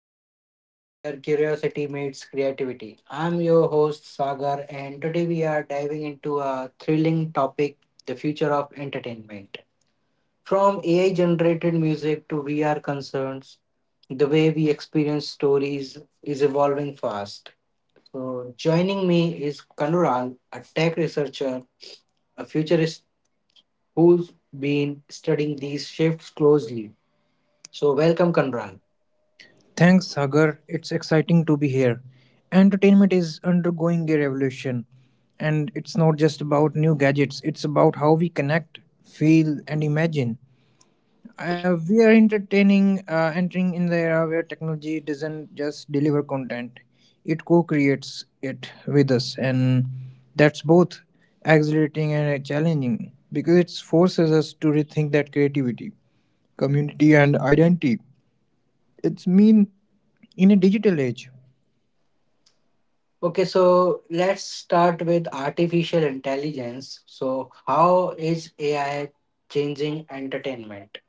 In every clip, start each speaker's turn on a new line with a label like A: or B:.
A: the podcast where curiosity meets creativity. I'm your host, Sagar, and today we are diving into a thrilling topic, the future of entertainment. From AI generated music to VR concerns, the way we experience stories is evolving fast. So, joining me is Kanural, a tech researcher, a futurist who's been studying these shifts closely. So, welcome, Kanural.
B: Thanks, Sagar. It's exciting to be here. Entertainment is undergoing a revolution, and it's not just about new gadgets, it's about how we connect, feel, and imagine. We are entering in the era where technology doesn't just deliver content, it co creates it with us, and that's both exhilarating and challenging because it forces us to rethink that creativity, community, and identity. It's mean in a digital age,
A: Okay, so let's start with artificial intelligence. So, how is AI changing entertainment?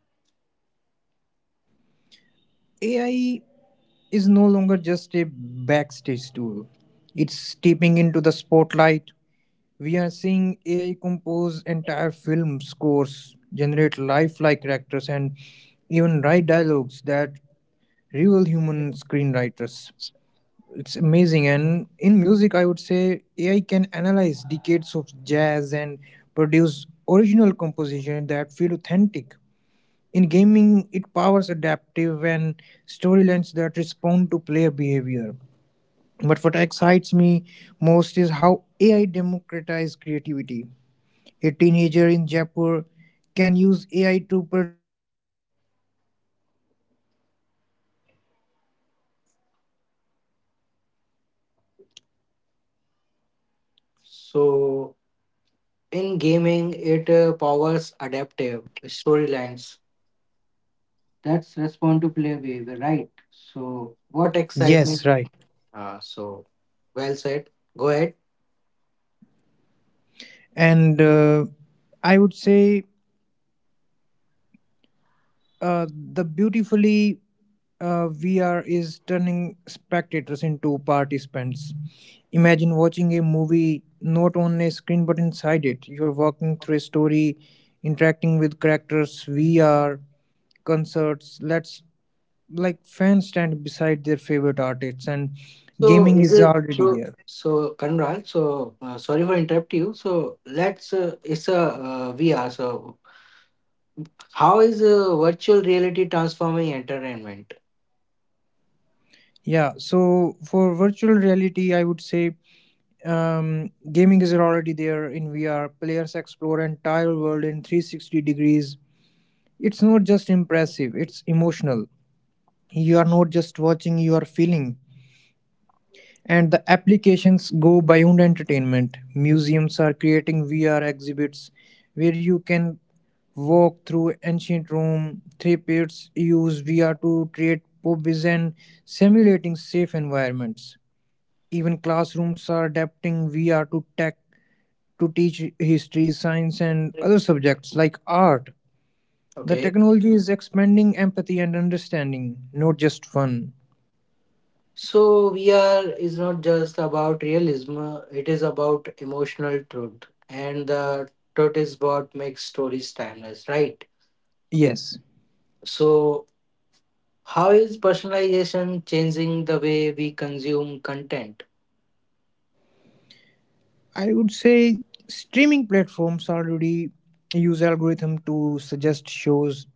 B: AI is no longer just a backstage tool. It's stepping into the spotlight. We are seeing AI compose entire film scores, generate lifelike characters, and even write dialogues that real human screenwriters. It's amazing. And in music, I would say AI can analyze decades of jazz and produce original compositions that feel authentic. In gaming, it powers adaptive and storylines that respond to player behavior. But what excites me most is how AI democratizes creativity. A teenager in Jaipur can use AI to
A: So, in gaming, it powers adaptive storylines that's respond to player behavior, right? So, what excitement?
C: Yes, right.
A: Uh, so, well said. Go ahead.
C: And I would say the beautifully VR is turning spectators into participants. Imagine watching a movie not on a screen but inside it. You're walking through a story, interacting with characters, VR, concerts, let's like fans stand beside their favorite artists, and
A: So,
C: gaming
A: is
C: is
A: it
C: already
A: so?
C: there.
A: So, Kanral, sorry for interrupt you. So, let's it's a VR. So, how is virtual reality transforming entertainment?
C: Yeah, so for virtual reality, I would say gaming is already there in VR. Players explore entire world in 360 degrees. It's not just impressive; it's emotional. You are not just watching; you are feeling. And the applications go beyond entertainment. Museums are creating VR exhibits where you can walk through ancient Rome. Therapists use VR to create hobbies and simulating safe environments. Even classrooms are adapting VR to tech to teach history, science, and other subjects like art. The
A: Okay.
C: technology is expanding empathy and understanding, not just fun.
A: So VR is not just about realism, it is about emotional truth. And the truth is what makes stories timeless, right?
C: Yes,
A: So, how is personalization changing the way we consume content?
C: I would say streaming platforms already use algorithm to suggest shows,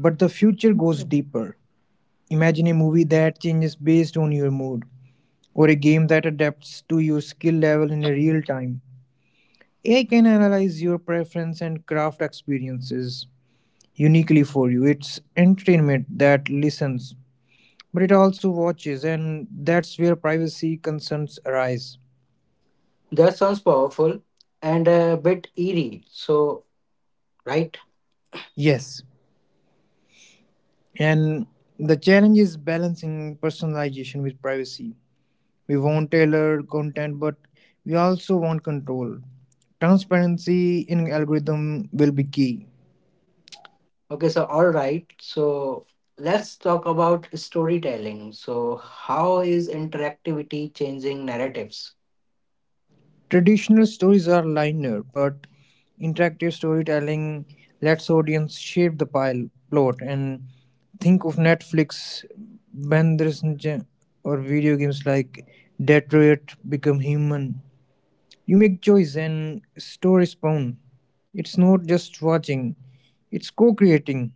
C: but the future goes deeper. Imagine a movie that changes based on your mood, or a game that adapts to your skill level in real time. AI can analyze your preference and craft experiences uniquely for you. It's entertainment that listens, but it also watches, and that's where privacy concerns arise.
A: That sounds powerful and a bit eerie. So, right?
C: Yes, and the challenge is balancing personalization with privacy. We want tailored content, but we also want control. Transparency in algorithm will be key.
A: Okay, so all right. So let's talk about storytelling. So, how is interactivity changing narratives?
C: Traditional stories are linear, but interactive storytelling lets audience shape the pile plot, and think of Netflix, Bandersnatch, or video games like Detroit Become Human. You make choice and stories spawn. It's not just watching, it's co-creating.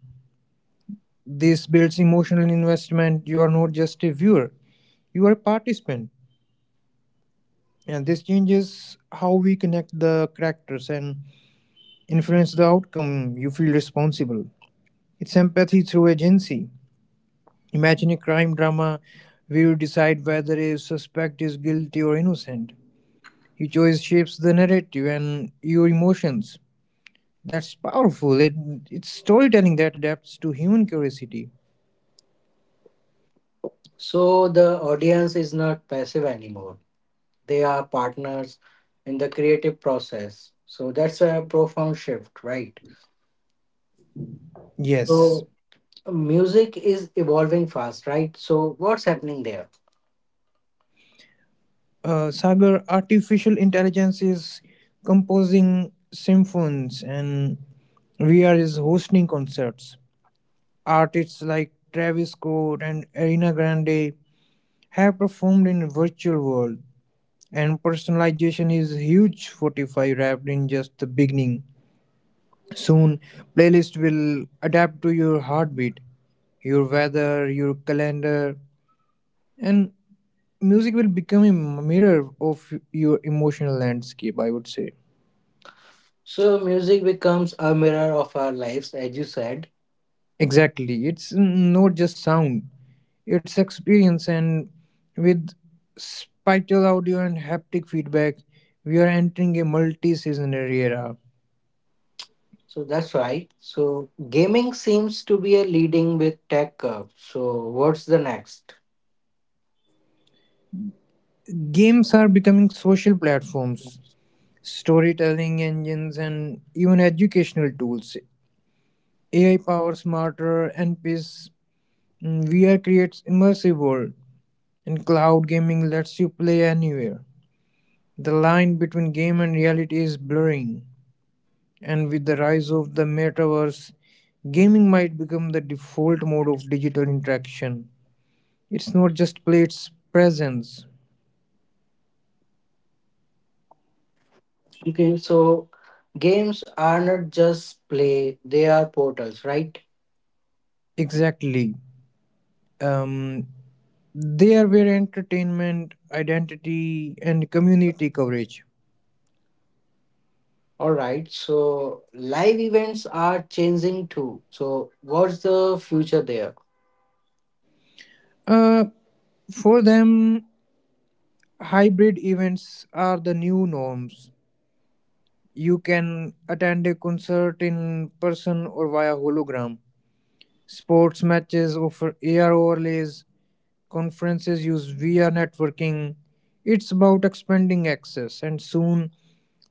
C: This builds emotional investment. You are not just a viewer, you are a participant. And this changes how we connect the characters, and influence the outcome, you feel responsible. It's empathy through agency. Imagine a crime drama where you decide whether a suspect is guilty or innocent. Your choice shapes the narrative and your emotions. That's powerful. It's storytelling that adapts to human curiosity.
A: So, the audience is not passive anymore, they are partners in the creative process. So, that's a profound shift, right?
C: Yes.
A: So, music is evolving fast, right? So, what's happening there?
C: Sagar, artificial intelligence is composing symphonies and VR is hosting concerts. Artists like Travis Scott and Ariana Grande have performed in virtual world, and personalization is huge. 45 wrapped in just the beginning. Soon playlist will adapt to your heartbeat, your weather, your calendar, and music will become a mirror of your emotional landscape, I would say.
A: So, music becomes a mirror of our lives, as you said.
C: Exactly. It's not just sound, it's experience. And with spatial audio and haptic feedback, we are entering a multi seasonary era.
A: So that's right. So gaming seems to be a leading with tech curve. So what's the next?
C: Games are becoming social platforms, storytelling engines, and even educational tools. AI powered smarter NPs, VR creates immersive world, and cloud gaming lets you play anywhere. The line between game and reality is blurring. And with the rise of the metaverse, gaming might become the default mode of digital interaction. It's not just play, it's presence.
D: Okay, so games are not just play, they are portals, right?
C: Exactly. Um, they are where entertainment, identity, and community coverage.
D: All right, so live events are changing too. So, what's the future there?
C: Hybrid events are the new norms. You can attend a concert in person or via hologram. Sports matches offer AR overlays. Conferences use VR networking. It's about expanding access, and soon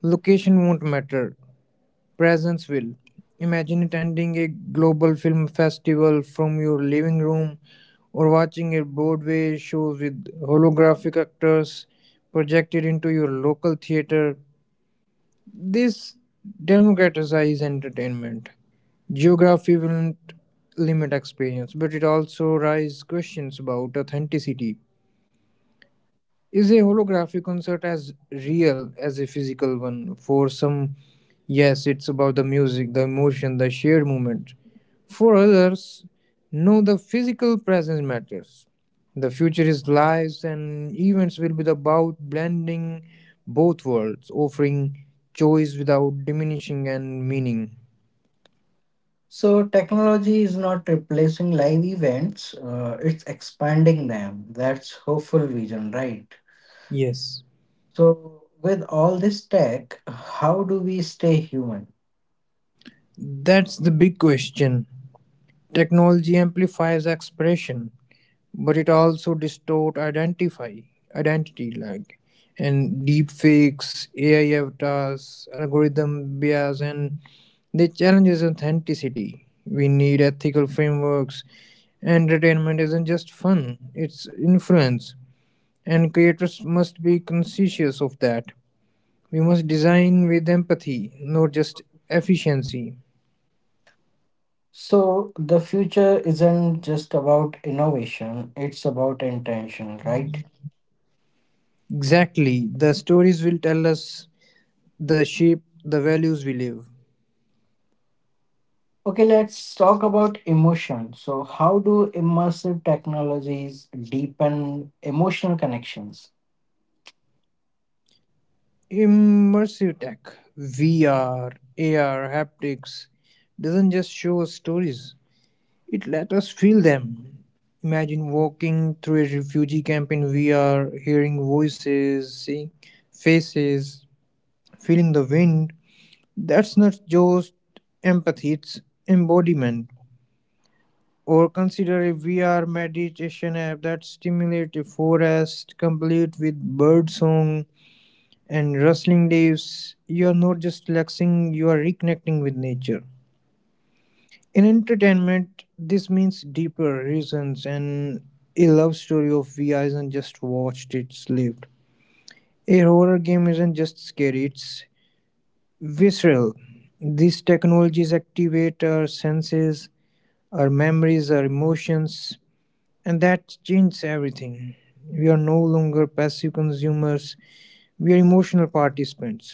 C: location won't matter. Presence will. Imagine attending a global film festival from your living room, or watching a Broadway show with holographic actors projected into your local theater. This democratizes entertainment. Geography will not limit experience, but it also raises questions about authenticity. Is a holographic concert as real as a physical one? For some, yes, it's about the music, the emotion, the shared moment. For others, no, the physical presence matters. The future is lives and events will be about blending both worlds, offering choice without diminishing and meaning.
D: So, technology is not replacing live events, it's expanding them. That's hopeful vision, right?
C: Yes,
D: So, with all this tech, how do we stay human?
C: that's the big question. Technology amplifies expression, but it also distort, identify identity, like, and deepfakes, AI avatars, algorithm bias, and they challenges authenticity. We need ethical frameworks. Entertainment isn't just fun, it's influence. And creators must be conscious of that. We must design with empathy, not just efficiency.
D: So, the future isn't just about innovation, it's about intention, right?
C: Exactly. The stories will tell us the shape, the values we live.
D: Okay, let's talk about emotion. So, how do immersive technologies deepen emotional connections?
C: Immersive tech, VR, AR, haptics, doesn't just show us stories, it let us feel them. Imagine walking through a refugee camp in VR, hearing voices, seeing faces, feeling the wind. That's not just empathy, it's embodiment. Or consider a VR meditation app that stimulates a forest complete with birdsong and rustling leaves, you are not just relaxing, you are reconnecting with nature. In entertainment, this means deeper reasons, and a love story of Vi isn't just watched, it's lived. A horror game isn't just scary, it's visceral. These technologies activate our senses, our memories, our emotions, and that changes everything. We are no longer passive consumers, we are emotional participants.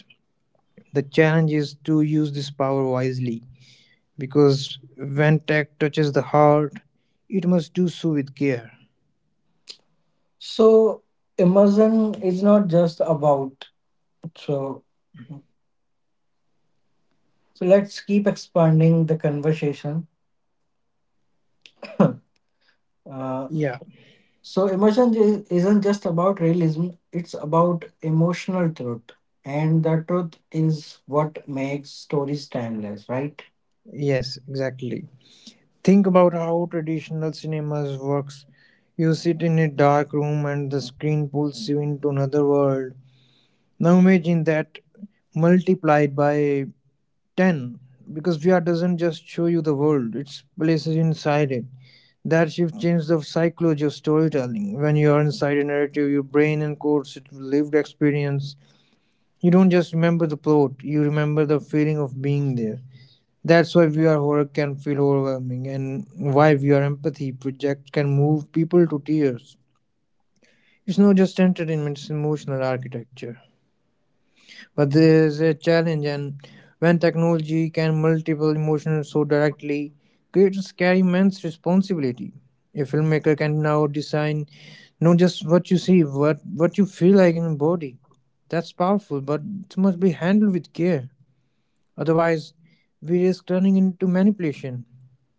C: The challenge is to use this power wisely, because when tech touches the heart, it must do so with care.
D: So, immersion is not just about. So, so let's keep expanding the conversation. Uh,
C: Yeah,
D: so, immersion isn't just about realism; it's about emotional truth, and the truth is what makes stories timeless, right?
C: yes, exactly. Think about how traditional cinemas works. You sit in a dark room and the screen pulls you into another world. Now imagine that multiplied by 10, because VR doesn't just show you the world, it places you inside it. That shift changed the psychology of storytelling. When you are inside a narrative, your brain encodes it with lived experience. You don't just remember the plot, you remember the feeling of being there. That's why VR horror can feel overwhelming, and why VR empathy project can move people to tears. It's not just entertainment, it's emotional architecture. But there is a challenge, and when technology can multiple emotions so directly, creators carry immense responsibility. A filmmaker can now design not just what you see, but what you feel like in your body. That's powerful, but it must be handled with care. Otherwise, we risk turning into manipulation.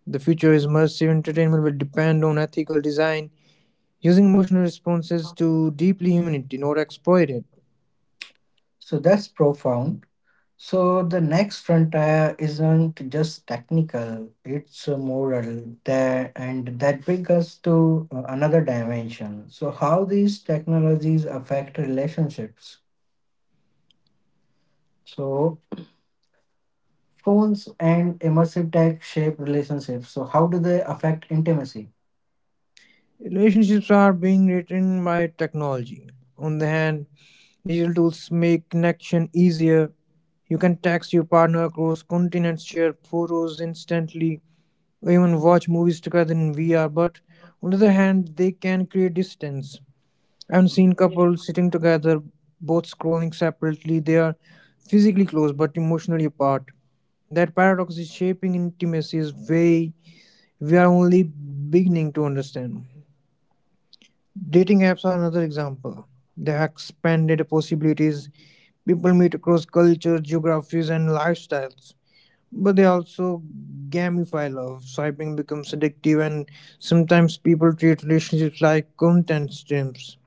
C: The future is immersive entertainment will depend on ethical design, using emotional responses to deeply humanity, not exploit it.
D: So that's profound. So the next frontier isn't just technical, it's moral there, and that brings us to another dimension. So how these technologies affect relationships. So phones and immersive tech shape relationships. So how do they affect intimacy?
C: Relationships are being written by technology. On the hand, digital tools make connection easier. You can text your partner across continents, share photos instantly, or even watch movies together in VR. But on the other hand, they can create distance. I've seen couples sitting together, both scrolling separately. They are physically close but emotionally apart. That paradox is shaping intimacy is way we are only beginning to understand. Dating apps are another example. They have expanded possibilities. People meet across cultures, geographies, and lifestyles. But they also gamify love. Swiping becomes addictive, and sometimes people treat relationships like content streams.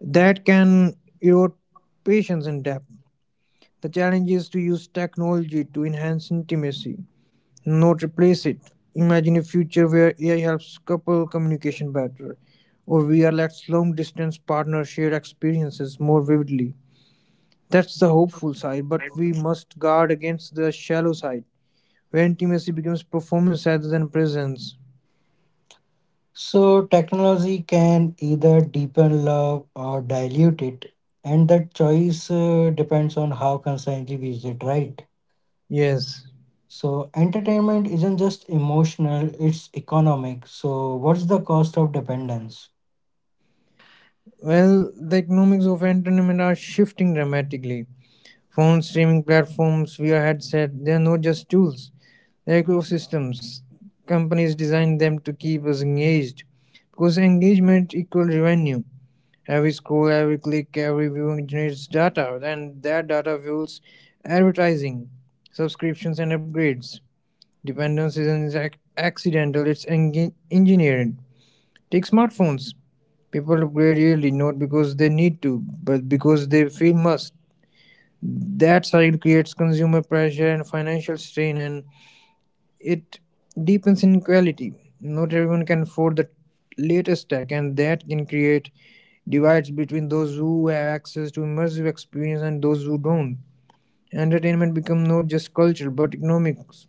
C: That can erode patience and depth. The challenge is to use technology to enhance intimacy, not replace it. Imagine a future where AI helps couple communication better, or VR lets long distance partners share experiences more vividly. That's the hopeful side, but we must guard against the shallow side, where intimacy becomes performance rather than presence.
D: So technology can either deepen love or dilute it, and that choice depends on how consciently we use it, right?
C: Yes.
D: So entertainment isn't just emotional, it's economic. So what's the cost of dependence?
C: Well, the economics of entertainment are shifting dramatically. Phones, streaming platforms, VR headset, they are not just tools, they're ecosystems. Companies design them to keep us engaged because engagement equals revenue. Every scroll, every click, every viewing generates data, and that data fuels advertising, subscriptions, and upgrades. Dependence isn't accidental, it's engineered. Take smartphones. People upgrade yearly not because they need to, but because they feel must. That cycle creates consumer pressure and financial strain, and it deepens inequality. Not everyone can afford the latest tech, and that can create divides between those who have access to immersive experience and those who don't. Entertainment becomes not just culture but economics,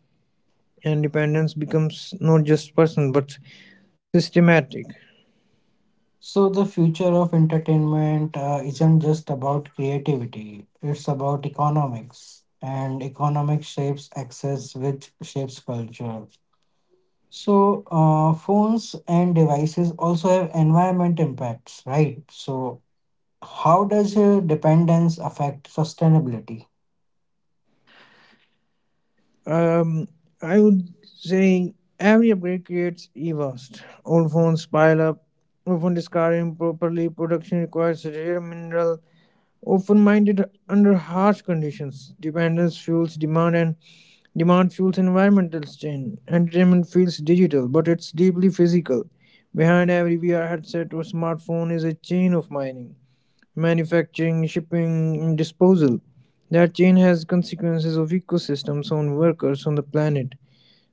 C: and dependence becomes not just personal but systematic.
D: So the future of entertainment isn't just about creativity, it's about economics. And economic shapes access, which shapes culture. So phones and devices also have environment impacts, right? So how does dependence affect sustainability?
C: Um, I would say every upgrade creates e waste. Old phones pile up, often discarded improperly. Production requires rare mineral, often mined under harsh conditions. Dependence fuels demand, and demand fuels environmental strain. Entertainment feels digital, but it's deeply physical. Behind every VR headset or smartphone is a chain of mining, manufacturing, shipping, and disposal. That chain has consequences of ecosystems on workers on the planet.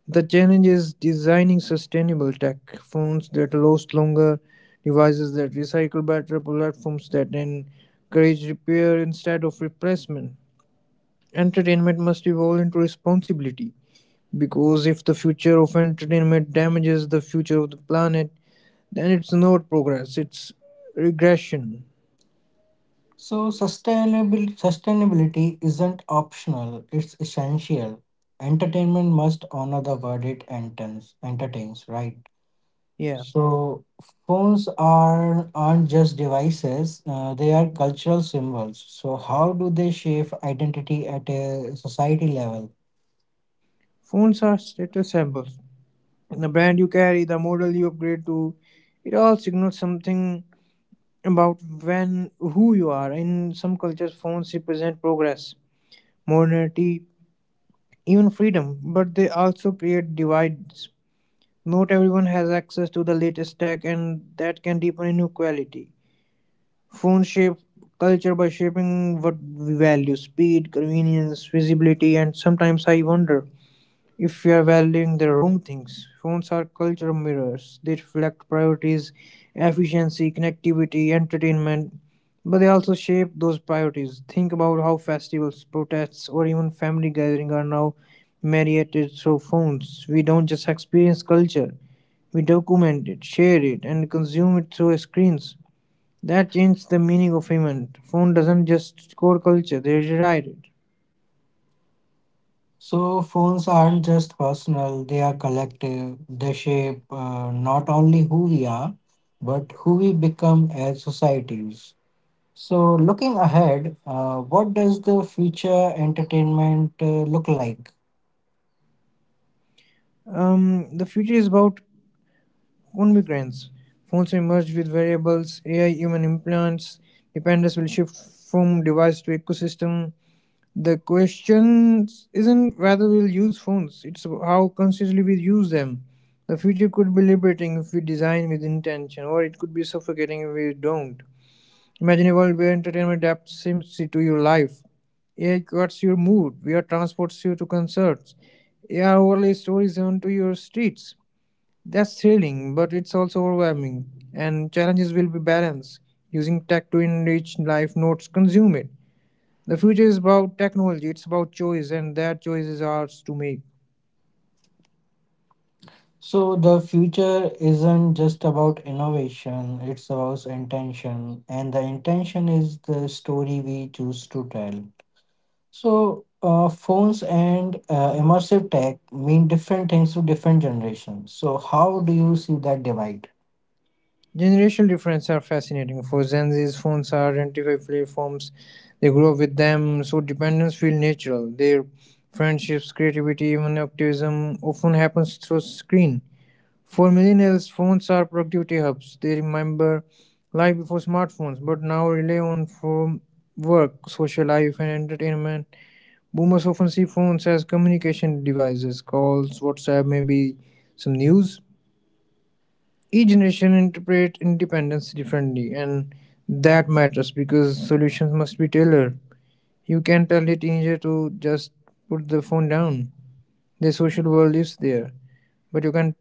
C: The challenge is designing sustainable tech, phones that last longer, devices that recycle better, platforms that encourage repair instead of replacement. Entertainment must evolve into responsibility, because if the future of entertainment damages the future of the planet, then it's not progress, it's regression.
D: So sustainability isn't optional, it's essential. Entertainment must honor the word it entertains, right?
C: Yeah.
D: So phones aren't just devices, they are cultural symbols. So how do they shape identity at a society level?
C: Phones are status symbols. The brand you carry, the model you upgrade to, it all signals something about when who you are. In some cultures, phones represent progress, modernity, even freedom, but they also create divides. Not everyone has access to the latest tech, and that can deepen inequality. Phones shape culture by shaping what we value speed, convenience, visibility, and sometimes I wonder if we are valuing the wrong things. Phones are cultural mirrors. They reflect priorities, efficiency, connectivity, entertainment, but they also shape those priorities. Think about how festivals, protests, or even family gatherings are now mediated through phones. We don't just experience culture, we document it, share it, and consume it through screens. That changes the meaning of event. Phone doesn't just score culture, they rewrite it.
D: So phones aren't just personal, they are collective. They shape not only who we are, but who we become as societies. So, looking ahead, what does the future entertainment look like?
C: The future is about on migrants, phones may merge with variables, AI, human implants, dependence will shift from device to ecosystem. The question isn't whether we'll use phones, it's how consciously we use them. The future could be liberating if we design with intention, or it could be suffocating if we don't. Imagine a world where entertainment adapts simply to your life. AI cuts your mood, VR transports you to concerts, AR overlays stories onto your streets. That's thrilling, but it's also overwhelming, and challenges will be balanced. Using tech to enrich life, not consume it. The future is about technology, it's about choice, and that choice is ours to make.
D: So, the future isn't just about innovation, it's about intention, and the intention is the story we choose to tell. So, phones and immersive tech mean different things to different generations. So, how do you see that divide?
C: Generational differences are fascinating. For Gen Z's, phones are identified platforms. They grow up with them, so dependence feels natural. Their friendships, creativity, even optimism often happens through screen. For millennials, phones are productivity hubs. They remember life before smartphones, but now rely on for work, social life, and entertainment. Boomers often see phones as communication devices, calls, WhatsApp, maybe some news. Each generation interpret independence differently, and that matters because solutions must be tailored. You can't tell a teenager to just put the phone down. Their social world lives there, but you can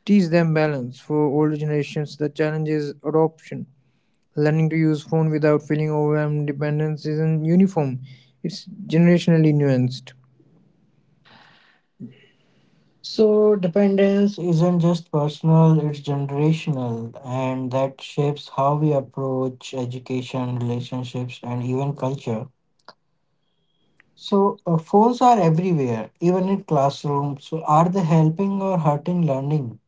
C: teach them balance. For older generations, the challenge is adoption. Learning to use phone without feeling overwhelmed dependence isn't uniform. It's generationally nuanced.
D: So, dependence isn't just personal, it's generational, and that shapes how we approach education, relationships, and even culture. So, phones are everywhere, even in classrooms. So, are they helping or hurting learning?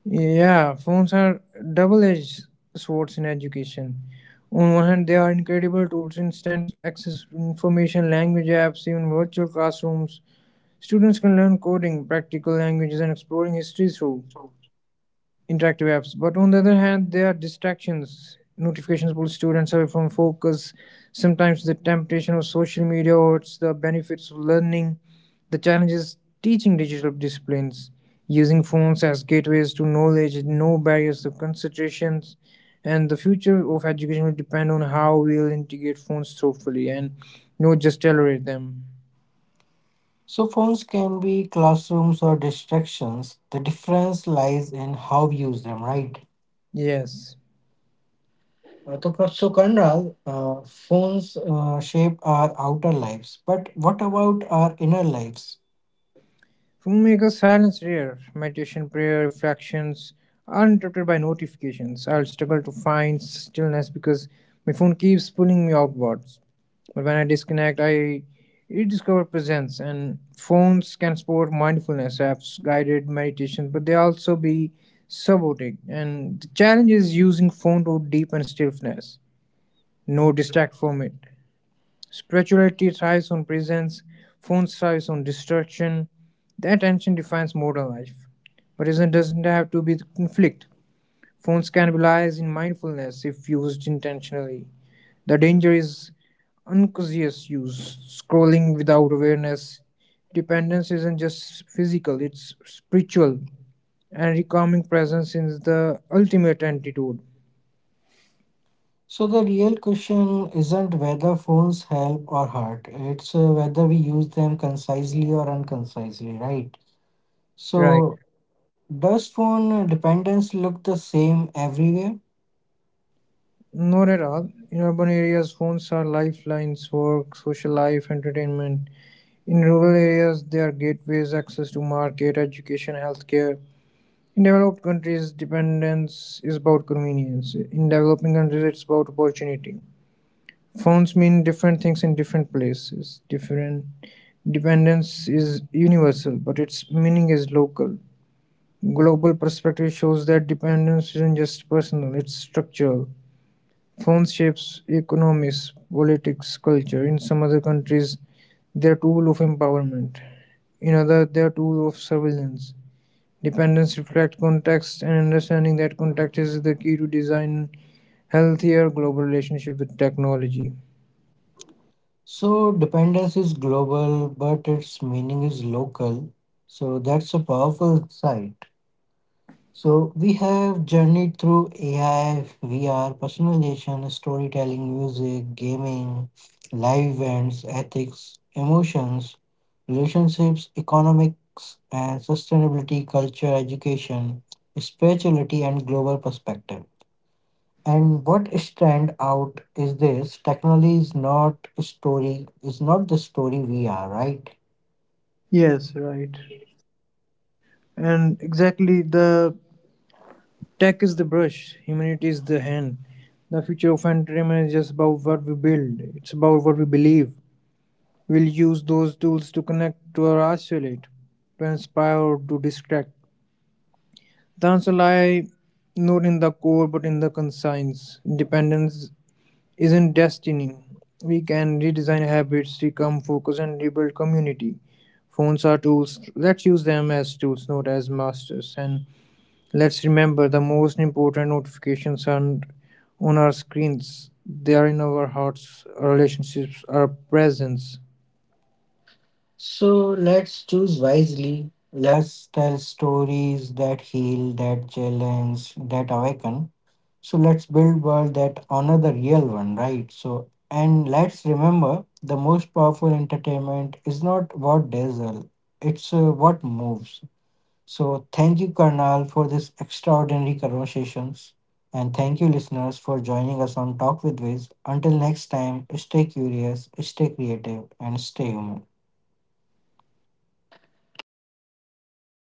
C: Yeah, phones are double-edged swords in education. On one hand, they are incredible tools, instant access to information, language apps, even virtual classrooms. Students can learn coding, practical languages, and exploring history through interactive apps. But on the other hand, there are distractions. Notifications pull students away from focus. Sometimes the temptation of social media or it's the benefits of learning, the challenges teaching digital disciplines, using phones as gateways to knowledge, no barriers of concentrations. And the future of education will depend on how we'll integrate phones thoughtfully and not just tolerate them.
D: So, phones can be classrooms or distractions. The difference lies in how we use them, right?
C: Yes.
D: So, Kanral, uh, phones shape our outer lives, but what about our inner lives?
C: Filmmakers silence rare meditation, prayer, reflections, uninterrupted by notifications. I'll struggle to find stillness because my phone keeps pulling me outwards. But when I disconnect, I rediscover presence. And phones can support mindfulness apps, guided meditation, but they also be sabotage. And the challenge is using phone to deepen stillness, no distract from it. Spirituality thrives on presence, phones thrives on distraction. That tension defines modern life. But it doesn't have to be the conflict. Phones can be lies in mindfulness if used intentionally. The danger is unconscious use, scrolling without awareness. Dependence isn't just physical, it's spiritual. And recalming presence is the ultimate antidote.
D: So the real question isn't whether phones help or hurt, it's whether we use them concisely or unconcisely, right?
C: Right.
D: So does phone dependence look the same everywhere?
C: Not at all. In urban areas, phones are lifelines, work, social life, entertainment. In rural areas, they are gateways, access to market, education, healthcare. In developed countries, dependence is about convenience. In developing countries, it's about opportunity. Phones mean different things in different places. Different dependence is universal, but its meaning is local. Global perspective shows that dependence isn't just personal, it's structural. Phones shapes economies, politics, culture. In some other countries, they're tool of empowerment. In other, they're tool of surveillance. Dependence reflect context and understanding that context is the key to design healthier global relationship with technology.
D: So dependence is global, but its meaning is local. So that's a powerful side. So we have journeyed through AI, VR, personalization, storytelling, music, gaming, live events, ethics, emotions, relationships, economics and sustainability, culture, education, spirituality and global perspective. And what stand out is this technology is not a story, is not the story we are, right?
C: Yes, right. And exactly the tech is the brush, humanity is the hand. The future of entertainment is just about what we build, it's about what we believe, we'll use those tools to connect, to isolate, to inspire, or to distract. The answer lies not in the core but in the conscience. Dependence isn't destiny. We can redesign habits, recome focus, and rebuild community. Phones are tools. Let's use them as tools, not as masters. And let's remember the most important notifications aren't on our screens, they are in our hearts, our relationships, our presence.
D: So let's choose wisely. Let's tell stories that heal, that challenge, that awaken. So let's build world that honor the real one, right? So and let's remember the most powerful entertainment is not what dazzle, it's what moves. So thank you, Karnal, for this extraordinary conversations. And thank you, listeners, for joining us on Talk with Wiz. Until next time, stay curious, stay creative, and stay human.